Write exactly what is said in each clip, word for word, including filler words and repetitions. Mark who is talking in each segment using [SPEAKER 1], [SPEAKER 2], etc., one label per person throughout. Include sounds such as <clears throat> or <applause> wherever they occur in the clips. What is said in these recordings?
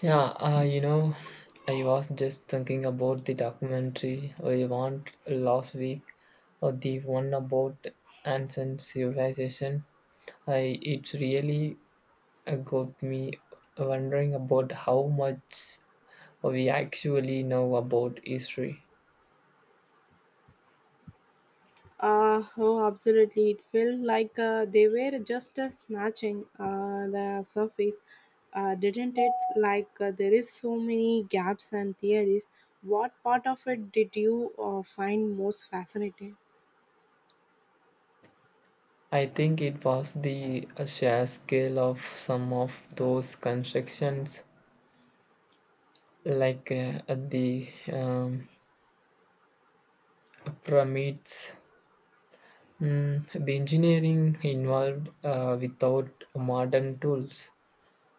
[SPEAKER 1] Yeah, uh, you know, I was just thinking about the documentary I watched last week, or the one about ancient civilization. I It really uh, got me wondering about how much we actually know about history.
[SPEAKER 2] Uh, oh, Absolutely. It felt like uh, they were just uh, snatching uh, the surface, uh, didn't it? Like uh, there is so many gaps and theories. What part of it did you uh, find most fascinating?
[SPEAKER 1] I think it was the uh, sheer scale of some of those constructions, like uh, the um, pyramids. Mm, the engineering involved uh, without modern tools,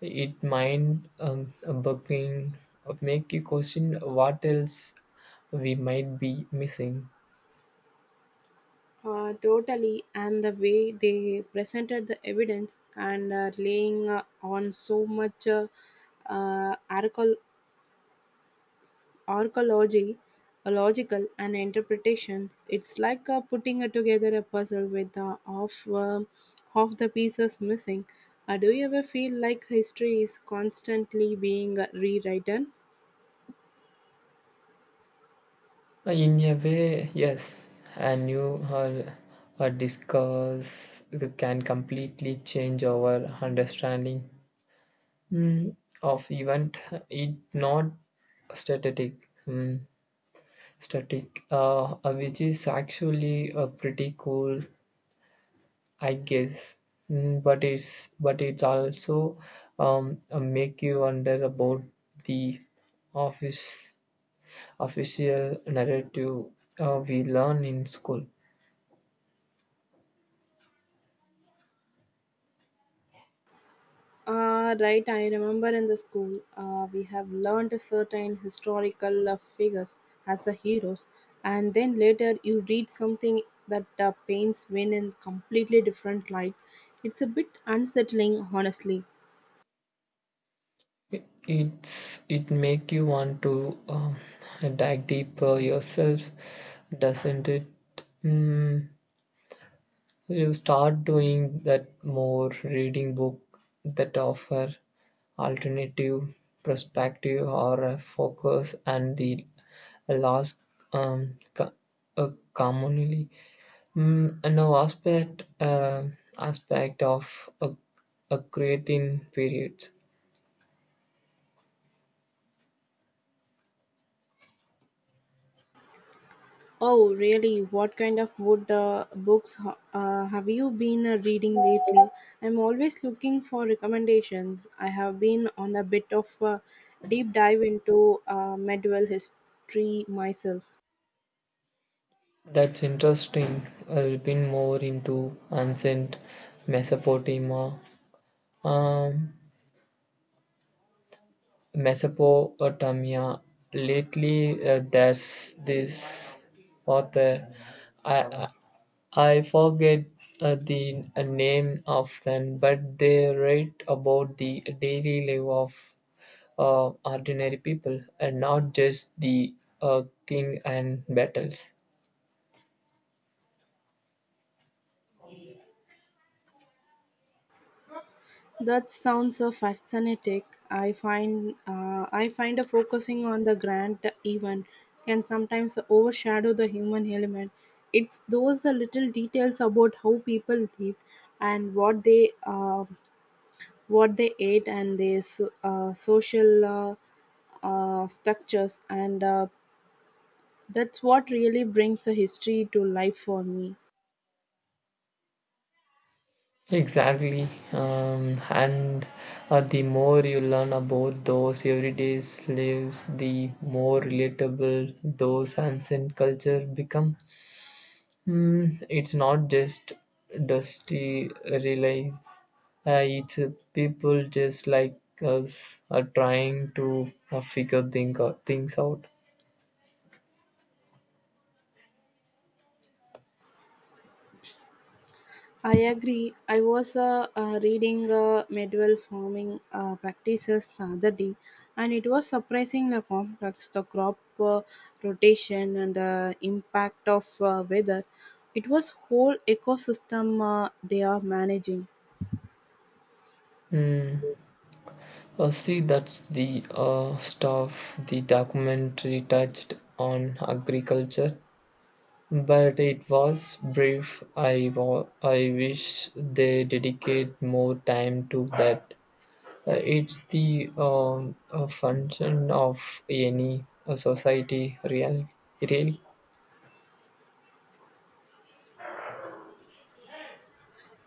[SPEAKER 1] it might um, bugging make you question what else we might be missing.
[SPEAKER 2] Uh, totally, and the way they presented the evidence and uh, laying uh, on so much uh, uh, archaeol- archaeology, a logical and interpretations. It's like uh, putting uh, together a puzzle with uh, half um, half the pieces missing. Uh, do you ever feel like history is constantly being uh, rewritten?
[SPEAKER 1] Uh, In a way, yes, a new or a discourse can completely change our understanding mm, of event. It not static, mm, static, uh, uh, which is actually uh, pretty cool I guess, mm, but it's but it's also um, uh, make you wonder about the office official narrative uh, we learn in school.
[SPEAKER 2] Uh, right, I remember in the school uh, we have learned certain historical uh, figures as a heroes, and then later you read something that uh, paints men in completely different light. It's a bit unsettling, honestly.
[SPEAKER 1] It, it's it make you want to um, dive deeper yourself, doesn't it? Mm, you start doing that more reading book that offer alternative perspective or a focus and the last um, co- uh, commonly mm, no aspect uh, aspect of a, a creating period.
[SPEAKER 2] Oh, really? What kind of wood uh, books ho- uh, have you been uh, reading lately? I'm always looking for recommendations. I have been on a bit of a deep dive into uh, medieval history myself.
[SPEAKER 1] That's interesting. I've been more into ancient mesopotamia, um, Mesopotamia. Lately, uh, there's this author. I I, I forget uh, the uh, name of them, but they write about the daily life of uh, ordinary people and not just the uh, king and battles.
[SPEAKER 2] That sounds uh, fascinating. I find uh, I find a focusing on the grand event can sometimes overshadow the human element. It's those uh, little details about how people lived and what they uh, what they ate and their so, uh, social uh, uh, structures and uh, that's what really brings a history to life for me.
[SPEAKER 1] Exactly. Um, and uh, the more you learn about those everyday lives, the more relatable those ancient culture become. Mm, it's not just dusty relies. Uh, it's uh, people just like us are trying to uh, figure thing, things out.
[SPEAKER 2] I agree i was uh, uh, reading uh, medieval farming uh, practices the other day, and it was surprisingly complex. The crop uh, rotation and the impact of uh, weather, it was whole ecosystem uh, they are managing.
[SPEAKER 1] Mm. Uh, see, that's the uh, stuff the documentary touched on agriculture. But it was brief. I, wa- I wish they dedicate more time to that. Uh, it's the um, a function of any uh, society, really. Really,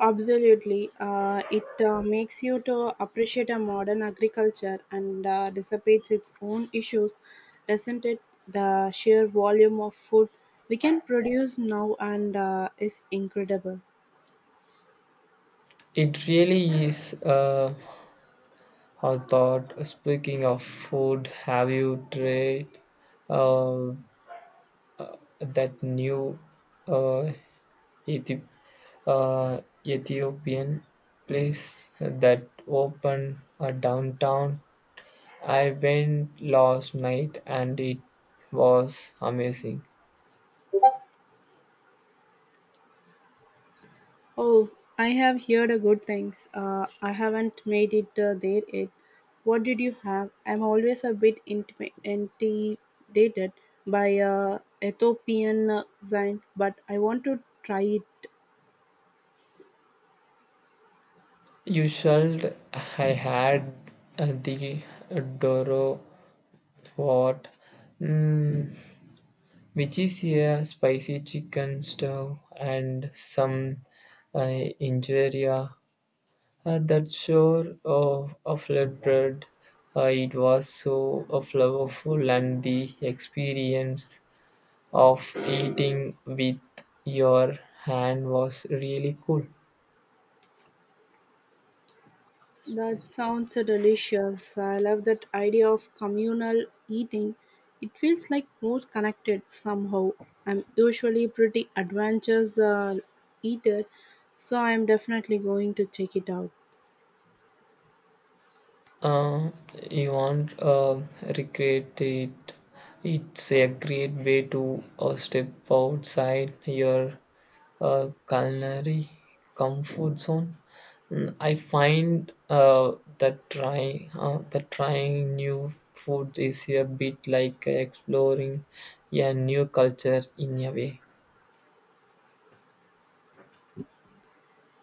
[SPEAKER 2] Absolutely, uh, it uh, makes you to appreciate a modern agriculture, and uh, dissipates its own issues, doesn't it? The sheer volume of food we can produce now and uh, is incredible.
[SPEAKER 1] it really is. Uh, I thought. Speaking of food, have you tried uh, that new uh, Ethi- uh, Ethiopian place that opened uh, downtown? I went last night and it was amazing.
[SPEAKER 2] Oh, I have heard a good things. Uh, I haven't made it uh, there yet. What did you have? I'm always a bit intima- intimidated by uh, Ethiopian uh, cuisine, but I want to try it.
[SPEAKER 1] You should. I had uh, the Doro what, mm, which is a spicy chicken stew and some uh, injera, uh, that sure of a flat bread. Uh, it was so uh, flavorful, and the experience of eating with your hand was really cool.
[SPEAKER 2] That sounds delicious. I love that idea of communal eating. It feels like more connected somehow. I'm usually pretty adventurous uh, eater, so I'm definitely going to check it out.
[SPEAKER 1] Uh, you won't uh, regret it. It's a great way to uh, step outside your uh, culinary comfort zone. Mm, I find uh, that trying uh, that trying new food is a bit like exploring a new culture in a way.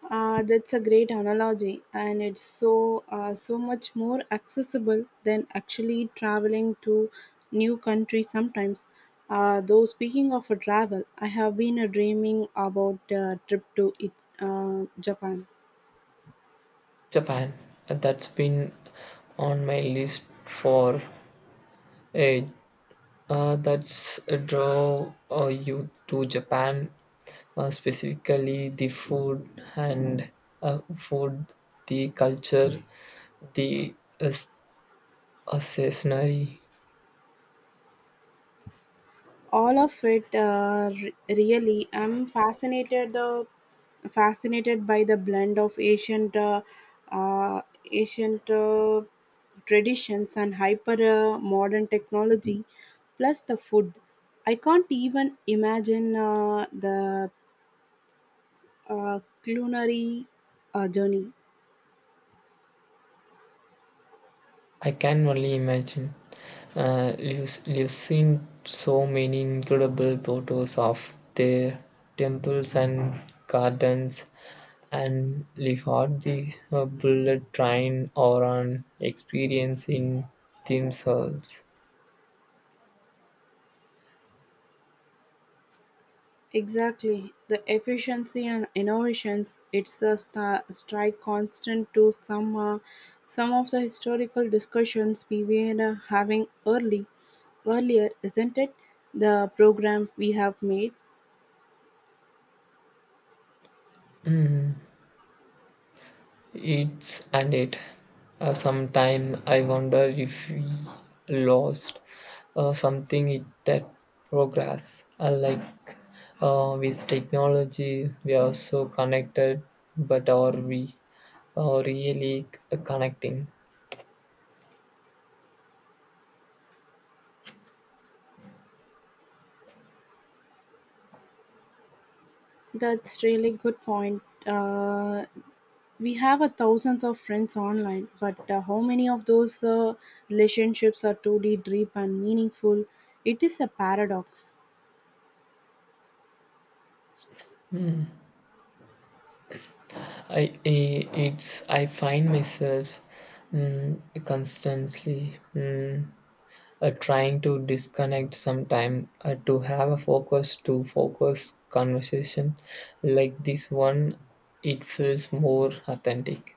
[SPEAKER 2] Uh, that's a great analogy, and it's so uh, so much more accessible than actually traveling to new countries sometimes. Uh, though speaking of a travel, I have been uh, dreaming about a trip to it, uh, Japan.
[SPEAKER 1] Japan. That's been on my list for a uh, that's a draw uh, you to Japan, uh, specifically the food and uh, food, the culture, the uh, s- uh, scenery.
[SPEAKER 2] all of it uh, re- really, i'm fascinated uh, fascinated by the blend of ancient uh, uh, ancient uh, traditions and hyper uh, modern technology. Plus the food, i can't even imagine uh, the uh, culinary uh, journey.
[SPEAKER 1] I can only imagine. Uh, you've, you've seen so many incredible photos of their temples and gardens, and you've had the uh, bullet train or an experience in themselves.
[SPEAKER 2] Exactly. The efficiency and innovations, it's a star, strike constant to some uh, some of the historical discussions we were uh, having early earlier, isn't it? The program we have made.
[SPEAKER 1] It's and it. Uh, sometime I wonder if we lost uh, something in that progress. Uh, like uh, with technology, we are so connected, but are we uh, really c- connecting?
[SPEAKER 2] That's really good point. Uh, we have a thousands of friends online, but uh, how many of those uh, relationships are truly deep and meaningful? It is a paradox.
[SPEAKER 1] I, I it's I find myself mm, constantly. Mm, uh, trying to disconnect sometime uh, to have a focus to focus conversation like this one. It feels more authentic.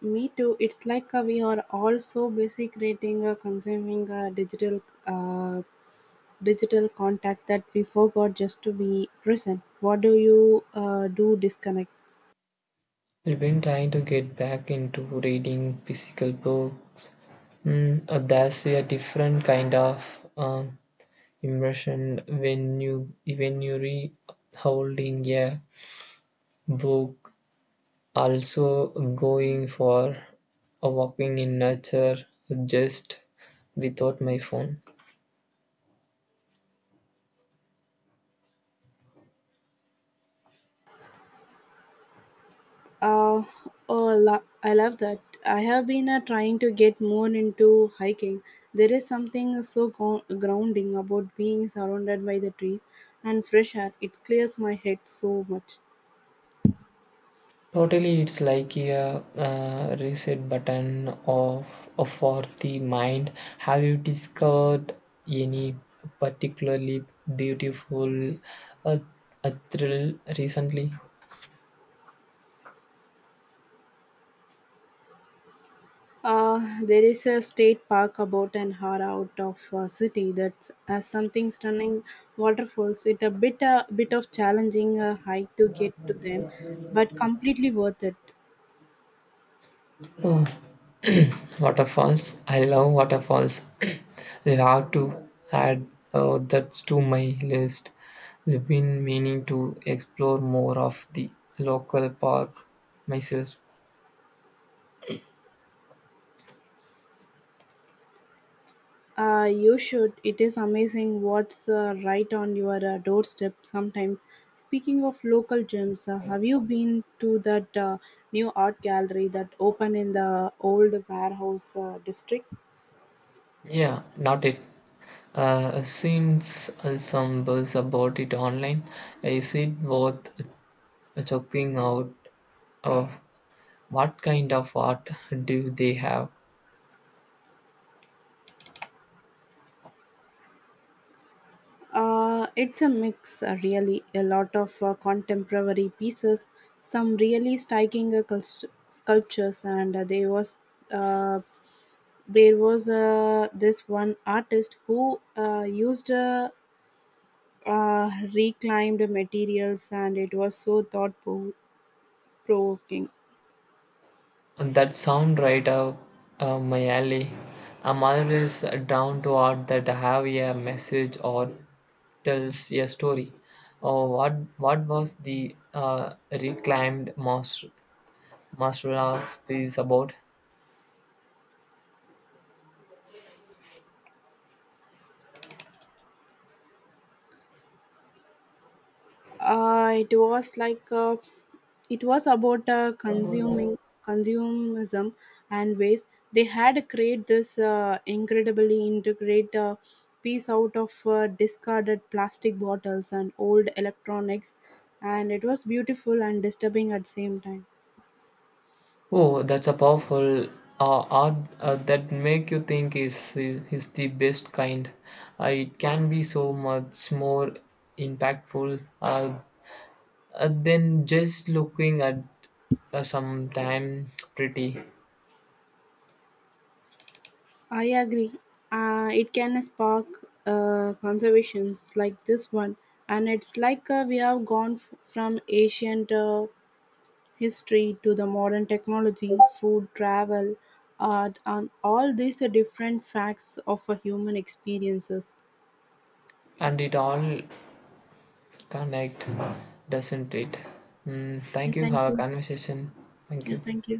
[SPEAKER 2] Me too. It's like uh, we are all so busy creating, uh, consuming uh, digital, uh, digital contact that we forgot just to be present. What do you uh, do? Disconnect.
[SPEAKER 1] I've been trying to get back into reading physical books. Mm, uh, that's a different kind of um, immersion when you when you read holding a book. Also, going for a walking in nature just without my phone.
[SPEAKER 2] Uh, oh, lo- I love that. I have been uh, trying to get more into hiking. There is something so go- grounding about being surrounded by the trees and fresh air. It clears my head so much.
[SPEAKER 1] Totally, it's like a uh, reset button of, of for the mind. Have you discovered any particularly beautiful uh, uh, thrill recently?
[SPEAKER 2] Uh, there is a state park about an hour out of uh, city that's uh, something stunning waterfalls. It a bit a bit of challenging uh, hike to get to them, but completely worth it.
[SPEAKER 1] Oh, waterfalls. I love waterfalls. <clears throat> They have to add uh, that to my list. I've been meaning to explore more of the local park myself.
[SPEAKER 2] Uh, you should. It is amazing what's uh, right on your uh, doorstep sometimes. Speaking of local gyms, uh, have you been to that uh, new art gallery that opened in the old warehouse uh, district?
[SPEAKER 1] Yeah, not it. Uh, since uh, some buzz about it online, is it worth checking out? Of what kind of art do they have?
[SPEAKER 2] Uh, it's a mix, uh, really. A lot of uh, contemporary pieces, some really striking uh, cul- sculptures, and uh, there was uh, there was uh, this one artist who uh, used uh, uh, reclaimed materials, and it was so thought provoking.
[SPEAKER 1] And that sound right up uh, my alley. I'm always down to art that have a message or tells a story. Oh, what what was the uh, reclaimed master master's piece about?
[SPEAKER 2] Uh, it was like uh, It was about uh, consuming consumerism and waste. They had created this uh, incredibly integrated uh, piece out of uh, discarded plastic bottles and old electronics, and it was beautiful and disturbing at the same time.
[SPEAKER 1] Oh, that's a powerful uh, art uh, that make you think is is the best kind. Uh, it can be so much more impactful uh, uh, then just looking at uh, sometime pretty.
[SPEAKER 2] I agree. Uh, it can spark uh, conservations like this one, and it's like uh, we have gone f- from ancient uh, history to the modern technology, food, travel, art, and all these are different facts of a human experiences.
[SPEAKER 1] And it all connect, doesn't it? Mm, thank
[SPEAKER 2] Yeah,
[SPEAKER 1] you for
[SPEAKER 2] thank
[SPEAKER 1] our
[SPEAKER 2] you.
[SPEAKER 1] conversation. Thank
[SPEAKER 2] Yeah,
[SPEAKER 1] you.
[SPEAKER 2] thank you.